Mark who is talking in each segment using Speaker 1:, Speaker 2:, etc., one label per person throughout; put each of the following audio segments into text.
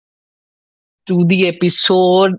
Speaker 1: Welcome to the episode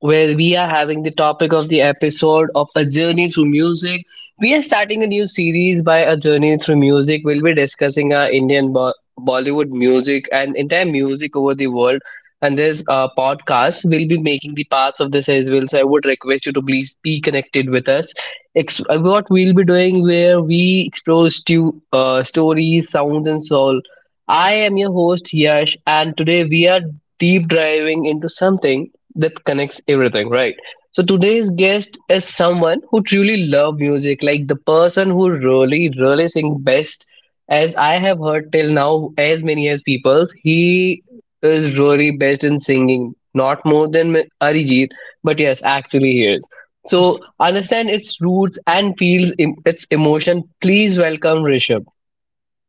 Speaker 1: where we are having the topic of the episode of A Journey Through Music. We are starting a new series by A Journey Through Music. We'll be discussing our Bollywood music and entire music over the world. And this podcast will be making the parts of this as well. So I would request you to please be connected with us. What we'll be doing where we explore stories, sounds, and songs. I am your host Yash, and today we are deep diving into something that connects everything, right? So today's guest is someone who truly loves music, like the person who really, really sings best. As I have heard till now, as many as people, he is really best in singing, not more than Arijit, but yes, actually he is. So understand its roots and feels its emotion. Please welcome Rishabh.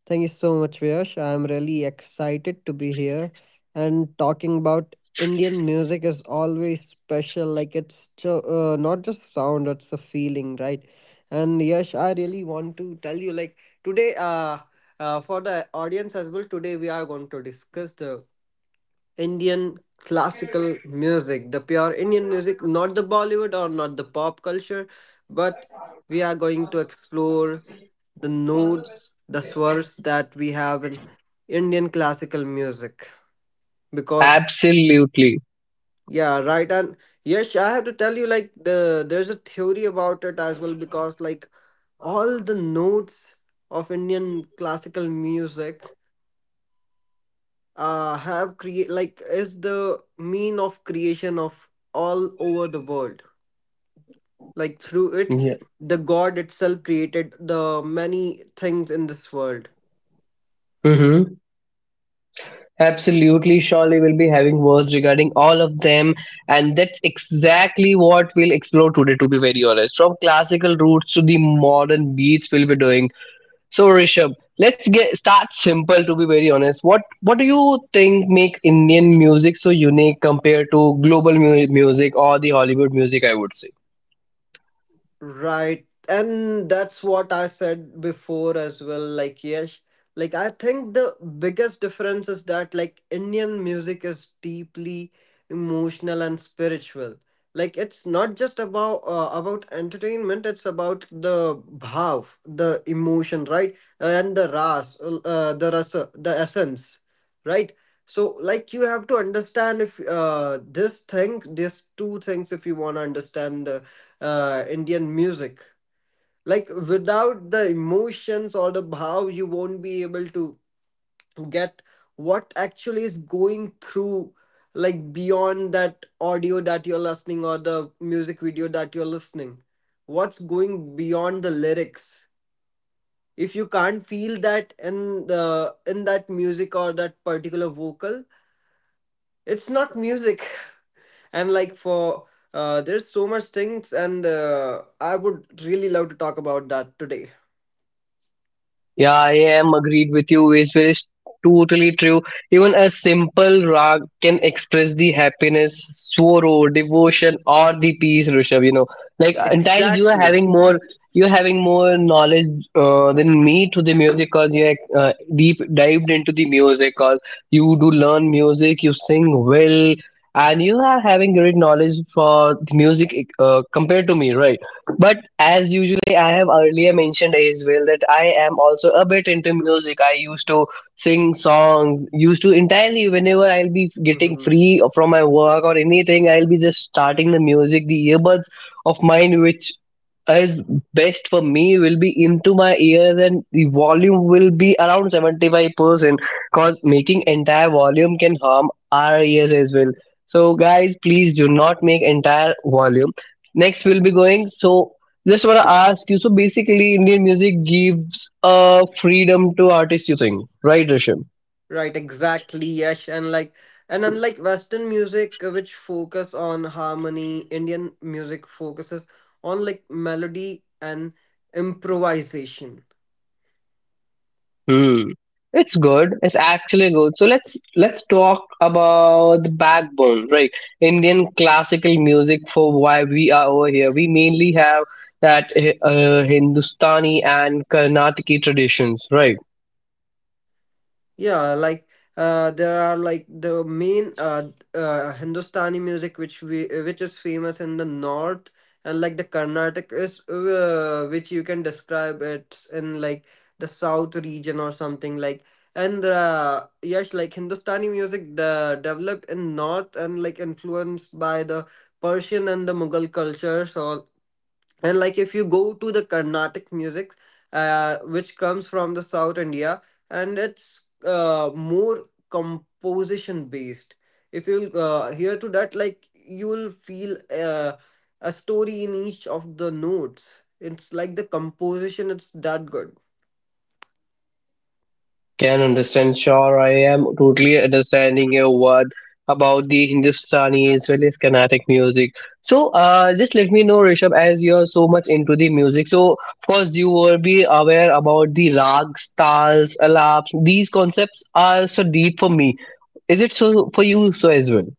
Speaker 2: Thank you so much, Viyash. I'm really excited to be here. And talking about Indian music is always special. Not just sound, it's a feeling, right? And Yash, I really want to tell you, like today, for the audience as well, today we are going to discuss the Indian classical music, the pure Indian music, not the Bollywood or not the pop culture, but we are going to explore the notes, the swars that we have in Indian classical music. Because
Speaker 1: Absolutely.
Speaker 2: yeah, right. And yes, I have to tell you, like there's a theory about it as well. Because like all the notes of Indian classical music have create like is the mean of creation of all over the world. Like through it,
Speaker 1: Yeah.
Speaker 2: the God itself created the many things in this world.
Speaker 1: Mm-hmm. Absolutely, surely we'll be having words regarding all of them, and that's exactly what we'll explore today, to be very honest. From classical roots to the modern beats, we'll be doing. So, Rishabh, let's get start simple. To be very honest, what do you think makes Indian music so unique compared to global music or the Hollywood music? I would say.
Speaker 2: Right. And that's what I said before as well. Like, yes, like I think the biggest difference is that like Indian music is deeply emotional and spiritual. Like it's not just about entertainment, it's about the bhav, the emotion, right? And the ras, the rasa, the essence, right? So like you have to understand if this thing, these two things, if you want to understand the Indian music. Like without the emotions or the bhav, you won't be able to get what actually is going through, like beyond that audio that you're listening or the music video that you're listening. What's going beyond the lyrics? If you can't feel that in the in that music or that particular vocal, it's not music. And like for there's so much things, and I would really love to talk about that today.
Speaker 1: Yeah, I am agreed with you. Wasteful is totally true. Even a simple rag can express the happiness, sorrow, devotion, or the peace, Rishabh. You know, like entirely you are
Speaker 2: Exactly.
Speaker 1: having more, you are having more knowledge than me to the music, cause you are deep dived into the music, cause you do learn music, you sing well, and you are having great knowledge for the music compared to me, right? But as usually, I have earlier mentioned as well that I am also a bit into music. I used to sing songs, used to entirely whenever I'll be getting
Speaker 2: Hmm.
Speaker 1: free from my work or anything, I'll be just starting the music, the earbuds of mine, which is best for me, will be into my ears and the volume will be around 75% because making entire volume can harm our ears as well. So, guys, please do not make entire volume next we'll be going, so just want to ask you, so basically Indian music gives a freedom to artists, you think, right, Rishabh?
Speaker 2: Right, exactly, Yash. And like and unlike Western music which focus on harmony, Indian music focuses on like melody and improvisation.
Speaker 1: Hmm. It's good, it's actually good. So let's talk about the backbone, right? Indian classical music. For why we are over here, we mainly have that Hindustani and Karnataki traditions, right?
Speaker 2: Yeah, there are like the main Hindustani music which is famous in the north, and like the Carnatic is which you can describe it in like the south region or something like. And yes, like Hindustani music the developed in north and like influenced by the Persian and the Mughal cultures or, and like if you go to the carnatic music which comes from the south india, and it's more composition based. If you'll hear to that, like you'll feel a story in each of the notes. It's like the composition, it's that good.
Speaker 1: Can understand, sure. I am totally understanding your word about the Hindustani as well as Carnatic music. So, just let me know, Rishabh, as you are so much into the music. So, of course, you will be aware about the rags, tals, alaps. These concepts are so deep for me. Is it so for you so as well?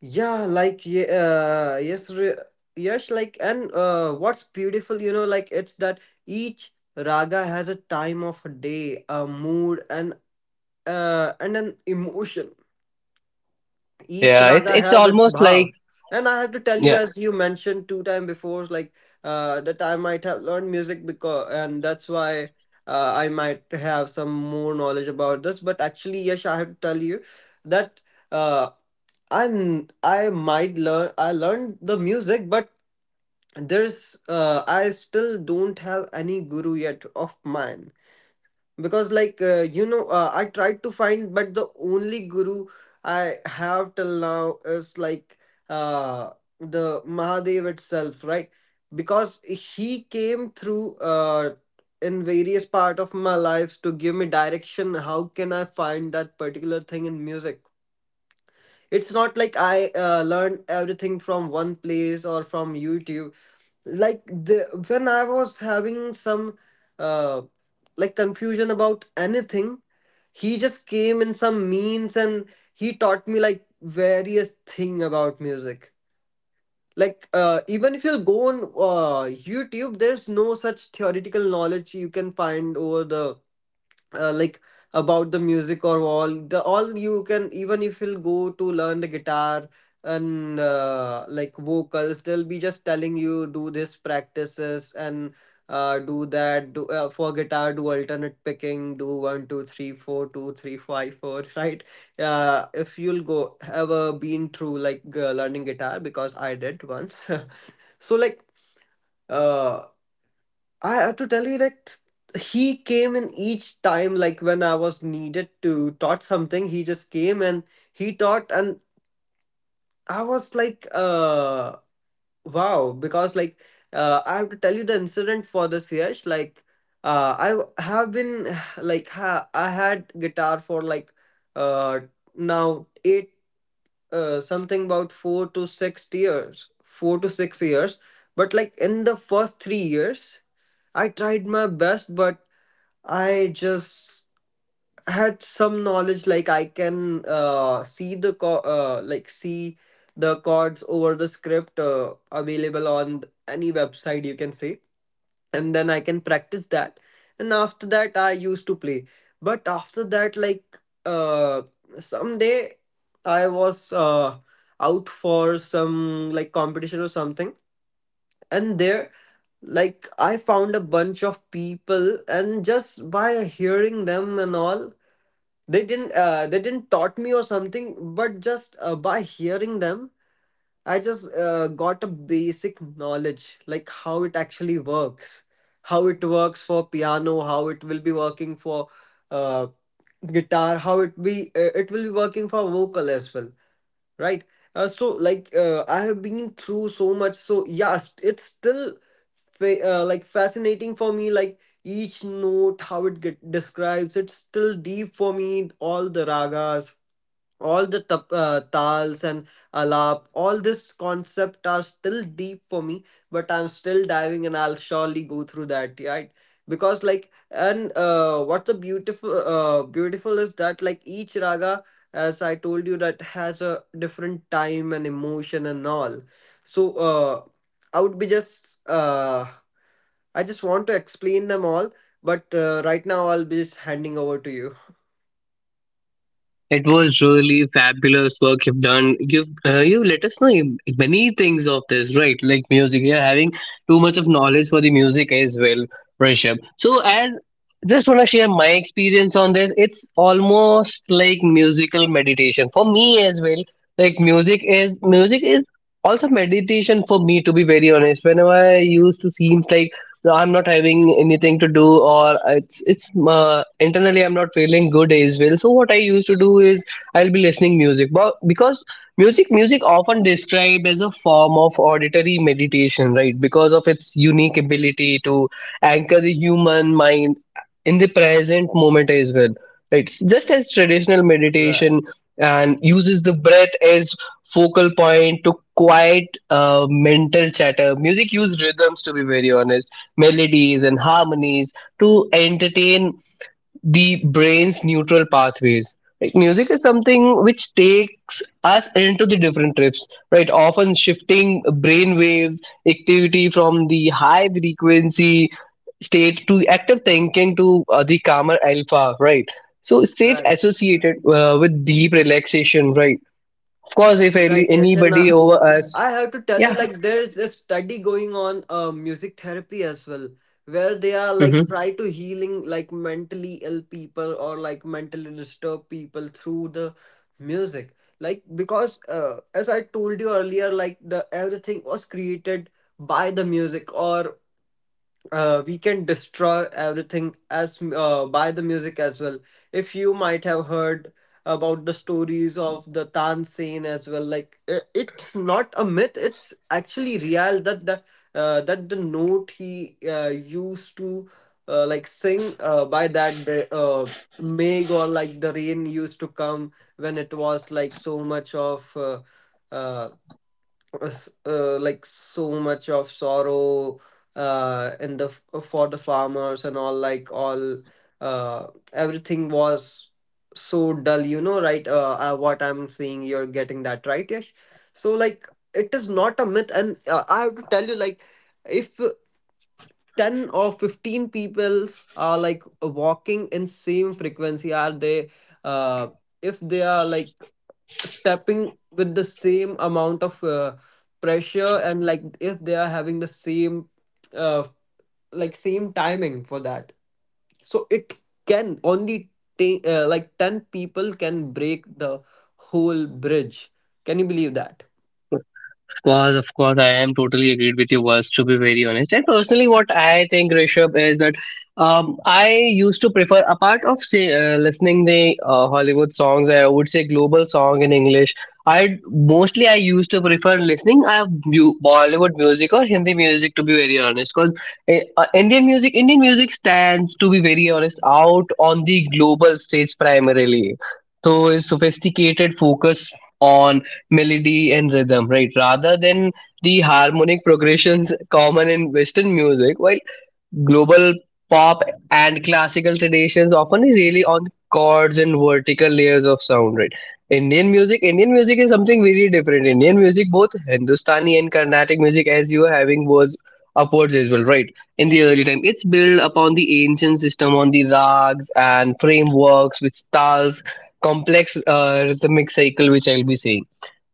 Speaker 2: Yeah like ye- yes re- yes like and What's beautiful you know, like it's that each raga has a time of day, a mood and an emotion. Each
Speaker 1: Yeah, it's
Speaker 2: raga
Speaker 1: it's
Speaker 2: have its
Speaker 1: almost like
Speaker 2: bhav. And I have to tell you,
Speaker 1: yeah.
Speaker 2: as you mentioned two time before, like that I might have learned music because, and that's why I might have some more knowledge about this. But actually, yes, I have to tell you that uh, I might learn. I learned the music, but there's I still don't have any guru yet of mine, because like I tried to find, but the only guru I have till now is like uh, the mahadev itself, right? Because he came through uh, in various part of my lives to give me direction how can I find that particular thing in music. It's not like i learned everything from one place or from youtube. Like the When I was having some uh, like confusion about anything, he just came in some means and he taught me like various thing about music. Like even if you go on youtube, there's no such theoretical knowledge you can find over the like about the music or all the all you can. Even if you'll go to learn the guitar and like vocals, they'll be just telling you do this practices and do that do for guitar do alternate picking, do one two three four two three five four right. If you'll go ever been through like learning guitar, because I did once so like uh I have to tell you that he came in each time, like when I was needed to taught something, he just came and he taught, and I was like, wow, because like I have to tell you the incident for this year. Like, have been I had guitar for like uh now 8 something about 4 to 6 years, 4 to 6 years, but like in the first 3 years. I tried my best, but I just had some knowledge, like I can like see the chords over the script available on any website you can say, and then I can practice that. And after that, I used to play. But after that, like uh, someday I was out for some like competition or something, and there like I found a bunch of people, and just by hearing them and all, they didn't taught me or something, but just by hearing them I just got a basic knowledge, like how it actually works, how it works for piano, how it will be working for uh, guitar, how it will be working for vocal as well, right. So like I have been through so much. So yeah, it's still like fascinating for me, like each note how it describes, it's still deep for me, all the ragas, all the tals and alap, all this concept are still deep for me, but I'm still diving and I'll surely go through that, right? Because like and what's the beautiful beautiful is that like each raga, as I told you, that has a different time and emotion and all. So i would be just uh, I just want to explain them all, but right now I'll be just handing over to you.
Speaker 1: It was really fabulous work you've done. You've you let us know many things of this, right? Like music, you're having too much of knowledge for the music as well, Rishabh. So as just want to share my experience on this. It's almost like musical meditation for me as well. Like music is also meditation for me, to be very honest. Whenever I used to seem like no, I'm not having anything to do, or it's internally I'm not feeling good as well, so what I used to do is I'll be listening music, but because music often described as a form of auditory meditation, right? Because of its unique ability to anchor the human mind in the present moment as well, right? Just as traditional
Speaker 2: Right.
Speaker 1: meditation and uses the breath as focal point to quiet mental chatter, music use rhythms, to be very honest, melodies and harmonies to entertain the brain's neutral pathways. Like music is something which takes us into the different trips, right? Often shifting brain waves, activity from the high frequency state to active thinking to the calmer alpha, right? So state
Speaker 2: Right.
Speaker 1: associated with deep relaxation, right? Of course, if
Speaker 2: Right. Yes,
Speaker 1: anybody over us,
Speaker 2: I have to tell you,
Speaker 1: yeah.
Speaker 2: like, there's a study going on, music therapy as well, where they are like try to healing like mentally ill people or like mentally disturbed people through the music. Like, because as I told you earlier, like the everything was created by the music, or we can destroy everything as by the music as well. If you might have heard about the stories of the Tansen as well, like it's not a myth; it's actually real that the note he used to like sing by that day, Meg or like the rain used to come when it was like so much of. Uh, like so much of sorrow in for the farmers and all, like all uh everything was so dull you know, right? What I'm saying, you're getting that right Yash? So like it is not a myth, and I have to tell you, like if 10 or 15 peoples are like walking in same frequency are they uh if they are like stepping with the same amount of pressure, and like if they are having the same uh, like same timing for that, so it can only take like 10 people can break the whole bridge, can you believe that?
Speaker 1: Course, of course, I am totally agreed with your words. To be very honest, and personally, what I think Rishabh is that I used to prefer, apart of say listening the Hollywood songs, I would say global song in English. I mostly I used to prefer listening Bollywood music or Hindi music. To be very honest, because Indian music stands, to be very honest, out on the global stage primarily. So, is sophisticated focus on melody and rhythm, right? Rather than the harmonic progressions common in Western music, while global pop and classical traditions often really on chords and vertical layers of sound, right? Indian music is something very different. Indian music, both Hindustani and Carnatic music, as you are having was upwards as well, right? In the early time, it's built upon the ancient system on the rags and frameworks, which tals complex rhythmic cycle, which I'll be saying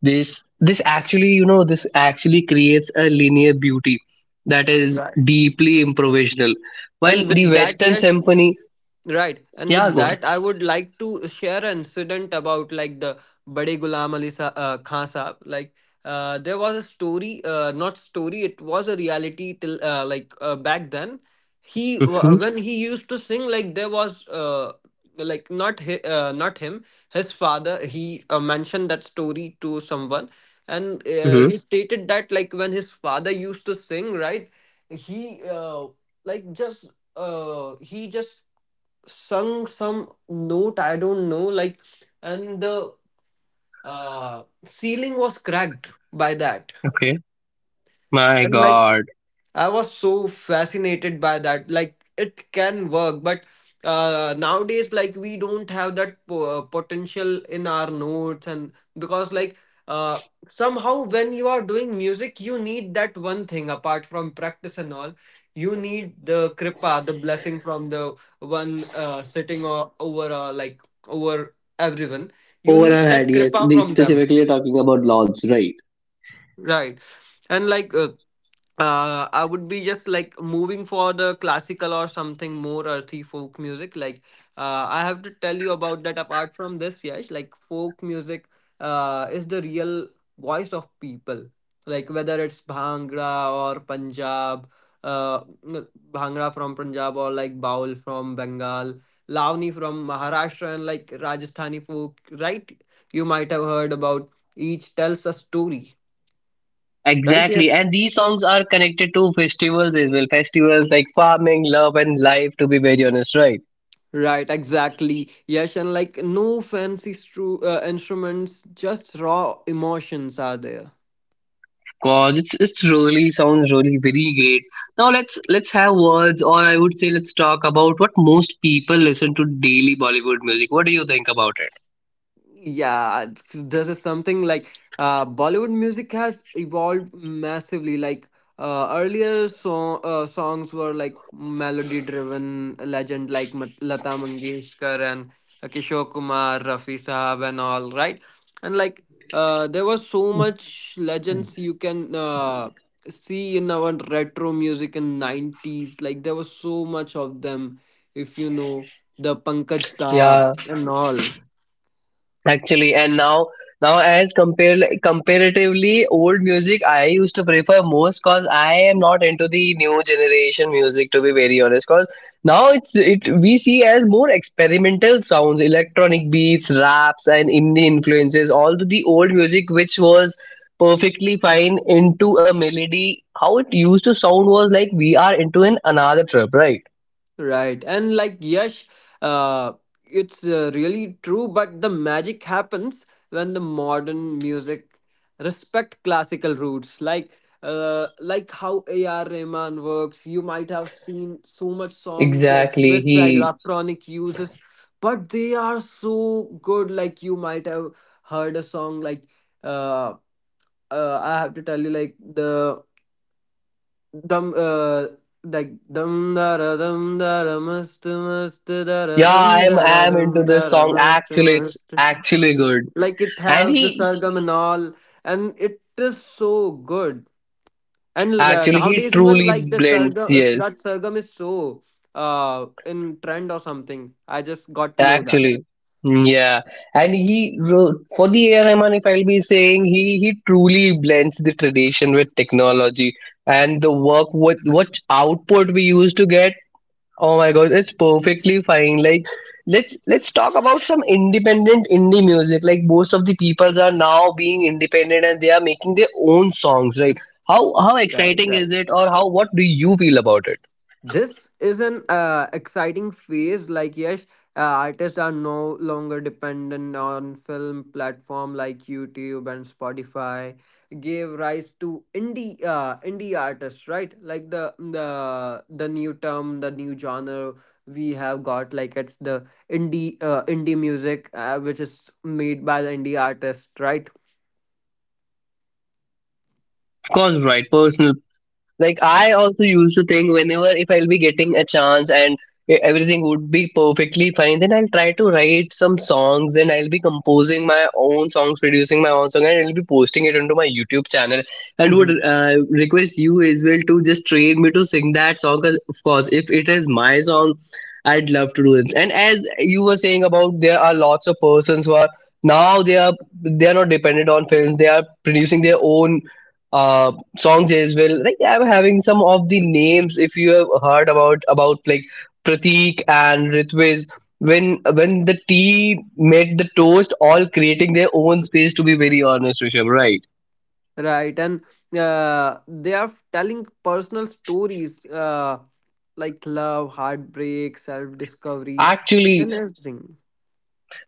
Speaker 1: this actually, you know, this actually creates a linear beauty that is
Speaker 2: Right.
Speaker 1: deeply improvisational while
Speaker 2: and
Speaker 1: the
Speaker 2: with that
Speaker 1: western
Speaker 2: yes
Speaker 1: symphony.
Speaker 2: Right. And
Speaker 1: Yeah,
Speaker 2: with
Speaker 1: go on.
Speaker 2: that, I would like to share an incident about like the Bade Ghulam Ali Khan Sahab. Like, there was a story, not story, it was a reality till back then.
Speaker 1: Mm-hmm,
Speaker 2: When he used to sing, like there was not him, his father. He mentioned that story to someone, and
Speaker 1: mm-hmm.
Speaker 2: he stated that like when his father used to sing, right, he uh, he just sung some note, I don't know like, and the ceiling was cracked by that.
Speaker 1: Okay. My
Speaker 2: And like
Speaker 1: God.
Speaker 2: I was so fascinated by that. Like it can work, but nowadays, like we don't have that potential in our notes, and because like uh, somehow when you are doing music, you need that one thing apart from practice and all. You need the kripa, the blessing from the one sitting over like over everyone. You
Speaker 1: Over,
Speaker 2: need that
Speaker 1: yes.
Speaker 2: kripa
Speaker 1: The,
Speaker 2: from them,
Speaker 1: specifically talking about lords, right?
Speaker 2: right? And like. I would be just like moving for the classical or something more earthy folk music. Like, I have to tell you about that. Apart from this, yes, like folk music, is the real voice of people. Like whether it's Bhangra or Punjab, Bhangra from Punjab, or like Baul from Bengal, Lavani from Maharashtra, and like Rajasthani folk. Right? You might have heard about each tells a story. Right?
Speaker 1: Exactly,
Speaker 2: Yes.
Speaker 1: and these songs are connected to festivals as well, festivals like farming, love and life, to be very honest, right?
Speaker 2: Right, exactly. Yes, and like no fancy instruments, just raw emotions are there.
Speaker 1: Cause it's really sounds really very great. Now let's have words, or I would say let's talk about what most people listen to daily: Bollywood music. What do you think about it?
Speaker 2: Yeah, this is something like Bollywood music has evolved massively. Like earlier songs were like melody driven legend like Lata Mangeshkar and Kishore Kumar, Rafi Sahab and all, right? And like, there was so much legends you can see in our retro music in 90s. Like there was so much of them, if you know, the Pankaj Da
Speaker 1: Yeah.
Speaker 2: and all.
Speaker 1: Actually, and now now as compare comparatively old music, I used to prefer most because I am not into the new generation music, to be very honest. Because now it's it we see as more experimental sounds, electronic beats, raps, and indie influences. All the old music which was perfectly fine into a melody, how it used to sound was like we are into an another trip, right?
Speaker 2: Right. And like, Yash, uh, it's really true, but the magic happens when the modern music respect classical roots. Like like how AR Rahman works. You might have seen so much songs like
Speaker 1: Exactly.
Speaker 2: with the
Speaker 1: He.
Speaker 2: electronic uses, but they are so good. Like you might have heard a song like, uh, I have to tell you like the dum like dum da da dum da da must da da
Speaker 1: Yeah,
Speaker 2: dum da da
Speaker 1: I'm into
Speaker 2: dum da
Speaker 1: this
Speaker 2: da
Speaker 1: song.
Speaker 2: must
Speaker 1: Actually, it's
Speaker 2: must.
Speaker 1: actually good.
Speaker 2: Like it
Speaker 1: And
Speaker 2: has the
Speaker 1: he
Speaker 2: surgam and all, and it is so good. And
Speaker 1: actually he
Speaker 2: nowadays even
Speaker 1: truly
Speaker 2: like the
Speaker 1: blends.
Speaker 2: surgam, that
Speaker 1: Yes,
Speaker 2: surgam is so in trend or something, I just got to know that.
Speaker 1: actually, mm, yeah. And he wrote for the AR Rahman, if I'll be saying, he truly blends the tradition with technology and the work what output we used to get. Oh my god, it's perfectly fine. Like let's talk about some independent indie music. Like most of the peoples are now being independent and they are making their own songs, right? How
Speaker 2: right
Speaker 1: exciting
Speaker 2: right
Speaker 1: is it,
Speaker 2: right.
Speaker 1: or how what do you feel about it?
Speaker 2: This is an exciting phase. Like yes, artists are no longer dependent on film platform, like YouTube and Spotify. Gave rise to indie indie artists, right? Like the new term, the new genre we have got. Like it's the indie music, which is made by the indie artist, right?
Speaker 1: Of course, right, personal. Like I also used to think, whenever if I'll be getting a chance and everything would be perfectly fine, then I'll try to write some songs and I'll be composing my own songs, producing my own song, and I'll be posting it onto my YouTube channel, and would
Speaker 2: Mhm.
Speaker 1: request you as well to just train me to sing that song, 'cause of course if it is my song I'd love to do it. And as you were saying, about there are lots of persons who are now they are not dependent on films, they are producing their own uh, songs as well. Like yeah, I'm having some of the names. If you have heard about like Pratik and Ritviz, when the tea made the toast, all creating their own space. To be very honest, Rishabh, right?
Speaker 2: Right, and they are telling personal stories. Like love, heartbreak, self discovery,
Speaker 1: Actually,
Speaker 2: and everything.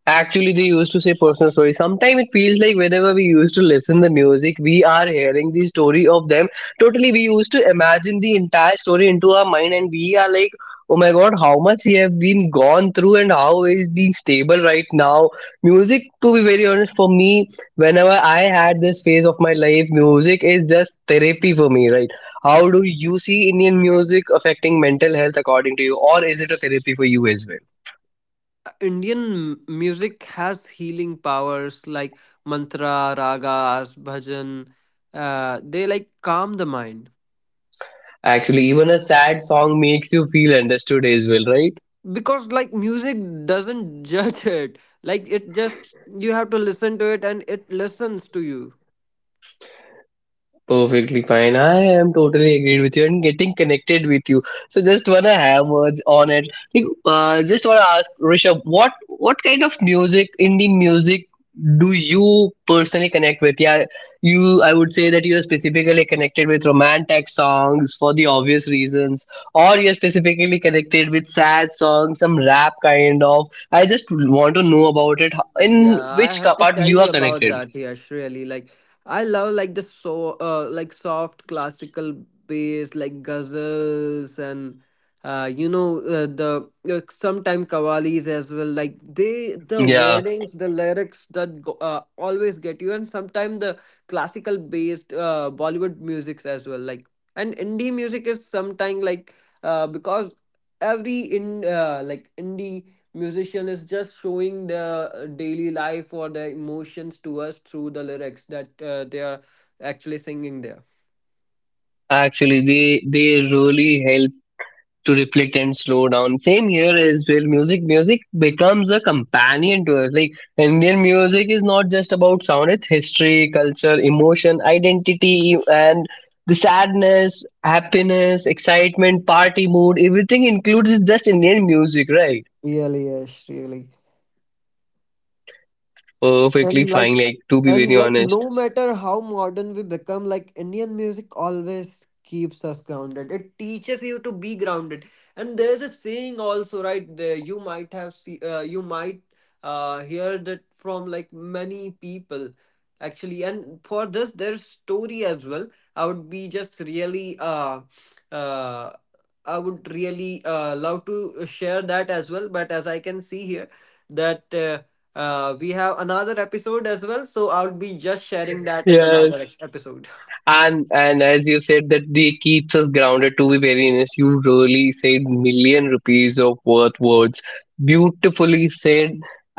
Speaker 1: actually, they used to say personal story. Sometimes it feels like whenever we used to listen the music, we are hearing the story of them. Totally, we used to imagine the entire story into our mind, and we are like, "Oh my God, how much he have been gone through, and how he's being stable right now." Music, to be very honest, for me, whenever I had this phase of my life, music is just therapy for me, right? How do you see Indian music affecting mental health, according to you, or is it a therapy for you as well?
Speaker 2: Indian music has healing powers, like mantra, ragas, bhajan. They like calm the mind
Speaker 1: Actually, even a sad song makes you feel understood as well, right?
Speaker 2: because like music doesn't judge it. Like it just, you have to listen to it and it listens to you.
Speaker 1: Perfectly fine. I am totally agreed with you and getting connected with you. So just wanna have words on it. Like, just wanna ask Rishabh, what kind of music, Indian music, do you personally connect with? Yeah, you. I would say that you are specifically connected with romantic songs for the obvious reasons, or you are specifically connected with sad songs, some rap kind of. I just want to know about it. How- in
Speaker 2: Yeah, I
Speaker 1: which
Speaker 2: have to
Speaker 1: part
Speaker 2: tell
Speaker 1: you are
Speaker 2: you about
Speaker 1: connected?
Speaker 2: that, Yash, really. Like I love like the so like soft classical bass like ghazals and you know the sometime qawwalis as well. Like they, the
Speaker 1: Yeah.
Speaker 2: wordings, the lyrics that go, always get you, and sometimes the classical based Bollywood musics as well. Like, and indie music is sometimes like because every in like indie musician is just showing their daily life or their emotions to us through the lyrics that they are actually singing there.
Speaker 1: Actually, they really help to reflect and slow down. Same here as well. Music becomes a companion to us. Like Indian music is not just about sound; it's history, culture, emotion, identity, and the sadness, happiness, excitement, party mood. Everything includes is just Indian music, right?
Speaker 2: Really, yes, really.
Speaker 1: Perfectly
Speaker 2: And like,
Speaker 1: fine. Like, to be
Speaker 2: and
Speaker 1: very
Speaker 2: like
Speaker 1: honest.
Speaker 2: no matter how modern we become, like Indian music always keeps us grounded. It teaches you to be grounded. And there's a saying also, right, there you might have see you might hear that from like many people actually. And for this there's story as well. I would be just really uh I would really love to share that as well, but as I can see here that we have another episode as well. So I'll be just sharing that in
Speaker 1: Yeah,
Speaker 2: another episode.
Speaker 1: and as you said that they keeps us grounded, to be very honest, you really said million rupees of worth words, beautifully said.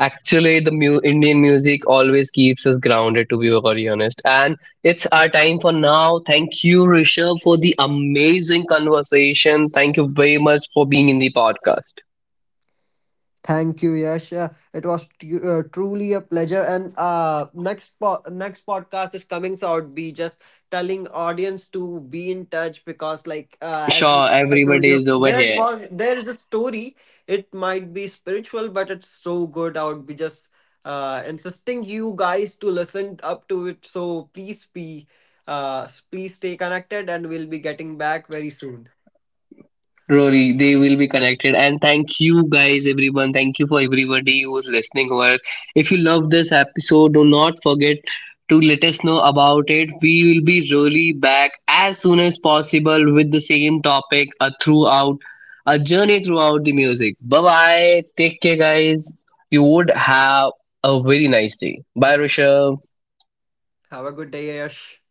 Speaker 1: Actually, the Indian music always keeps us grounded, to be very honest, and it's our time for now. Thank you, Rishabh, for the amazing conversation. Thank you very much for being in the podcast.
Speaker 2: Thank you, Yash. It was truly a pleasure. And next next podcast is coming, so I'd be just telling audience to be in touch because, like, as you-
Speaker 1: Sure,
Speaker 2: I told
Speaker 1: everybody
Speaker 2: you,
Speaker 1: is over
Speaker 2: there
Speaker 1: here.
Speaker 2: was there is a story. It might be spiritual, but it's so good. I would be just insisting you guys to listen up to it. So please be, please stay connected, and we'll be getting back very soon.
Speaker 1: Really, they will be connected. And thank you guys, everyone. Thank you for everybody who's listening. Over. If you love this episode, do not forget to let us know about it. We will be really back as soon as possible with the same topic, throughout a journey throughout the music. Bye bye. Take care, guys. You would have a very nice day. Bye, Rishabh.
Speaker 2: Have a good day, Yash.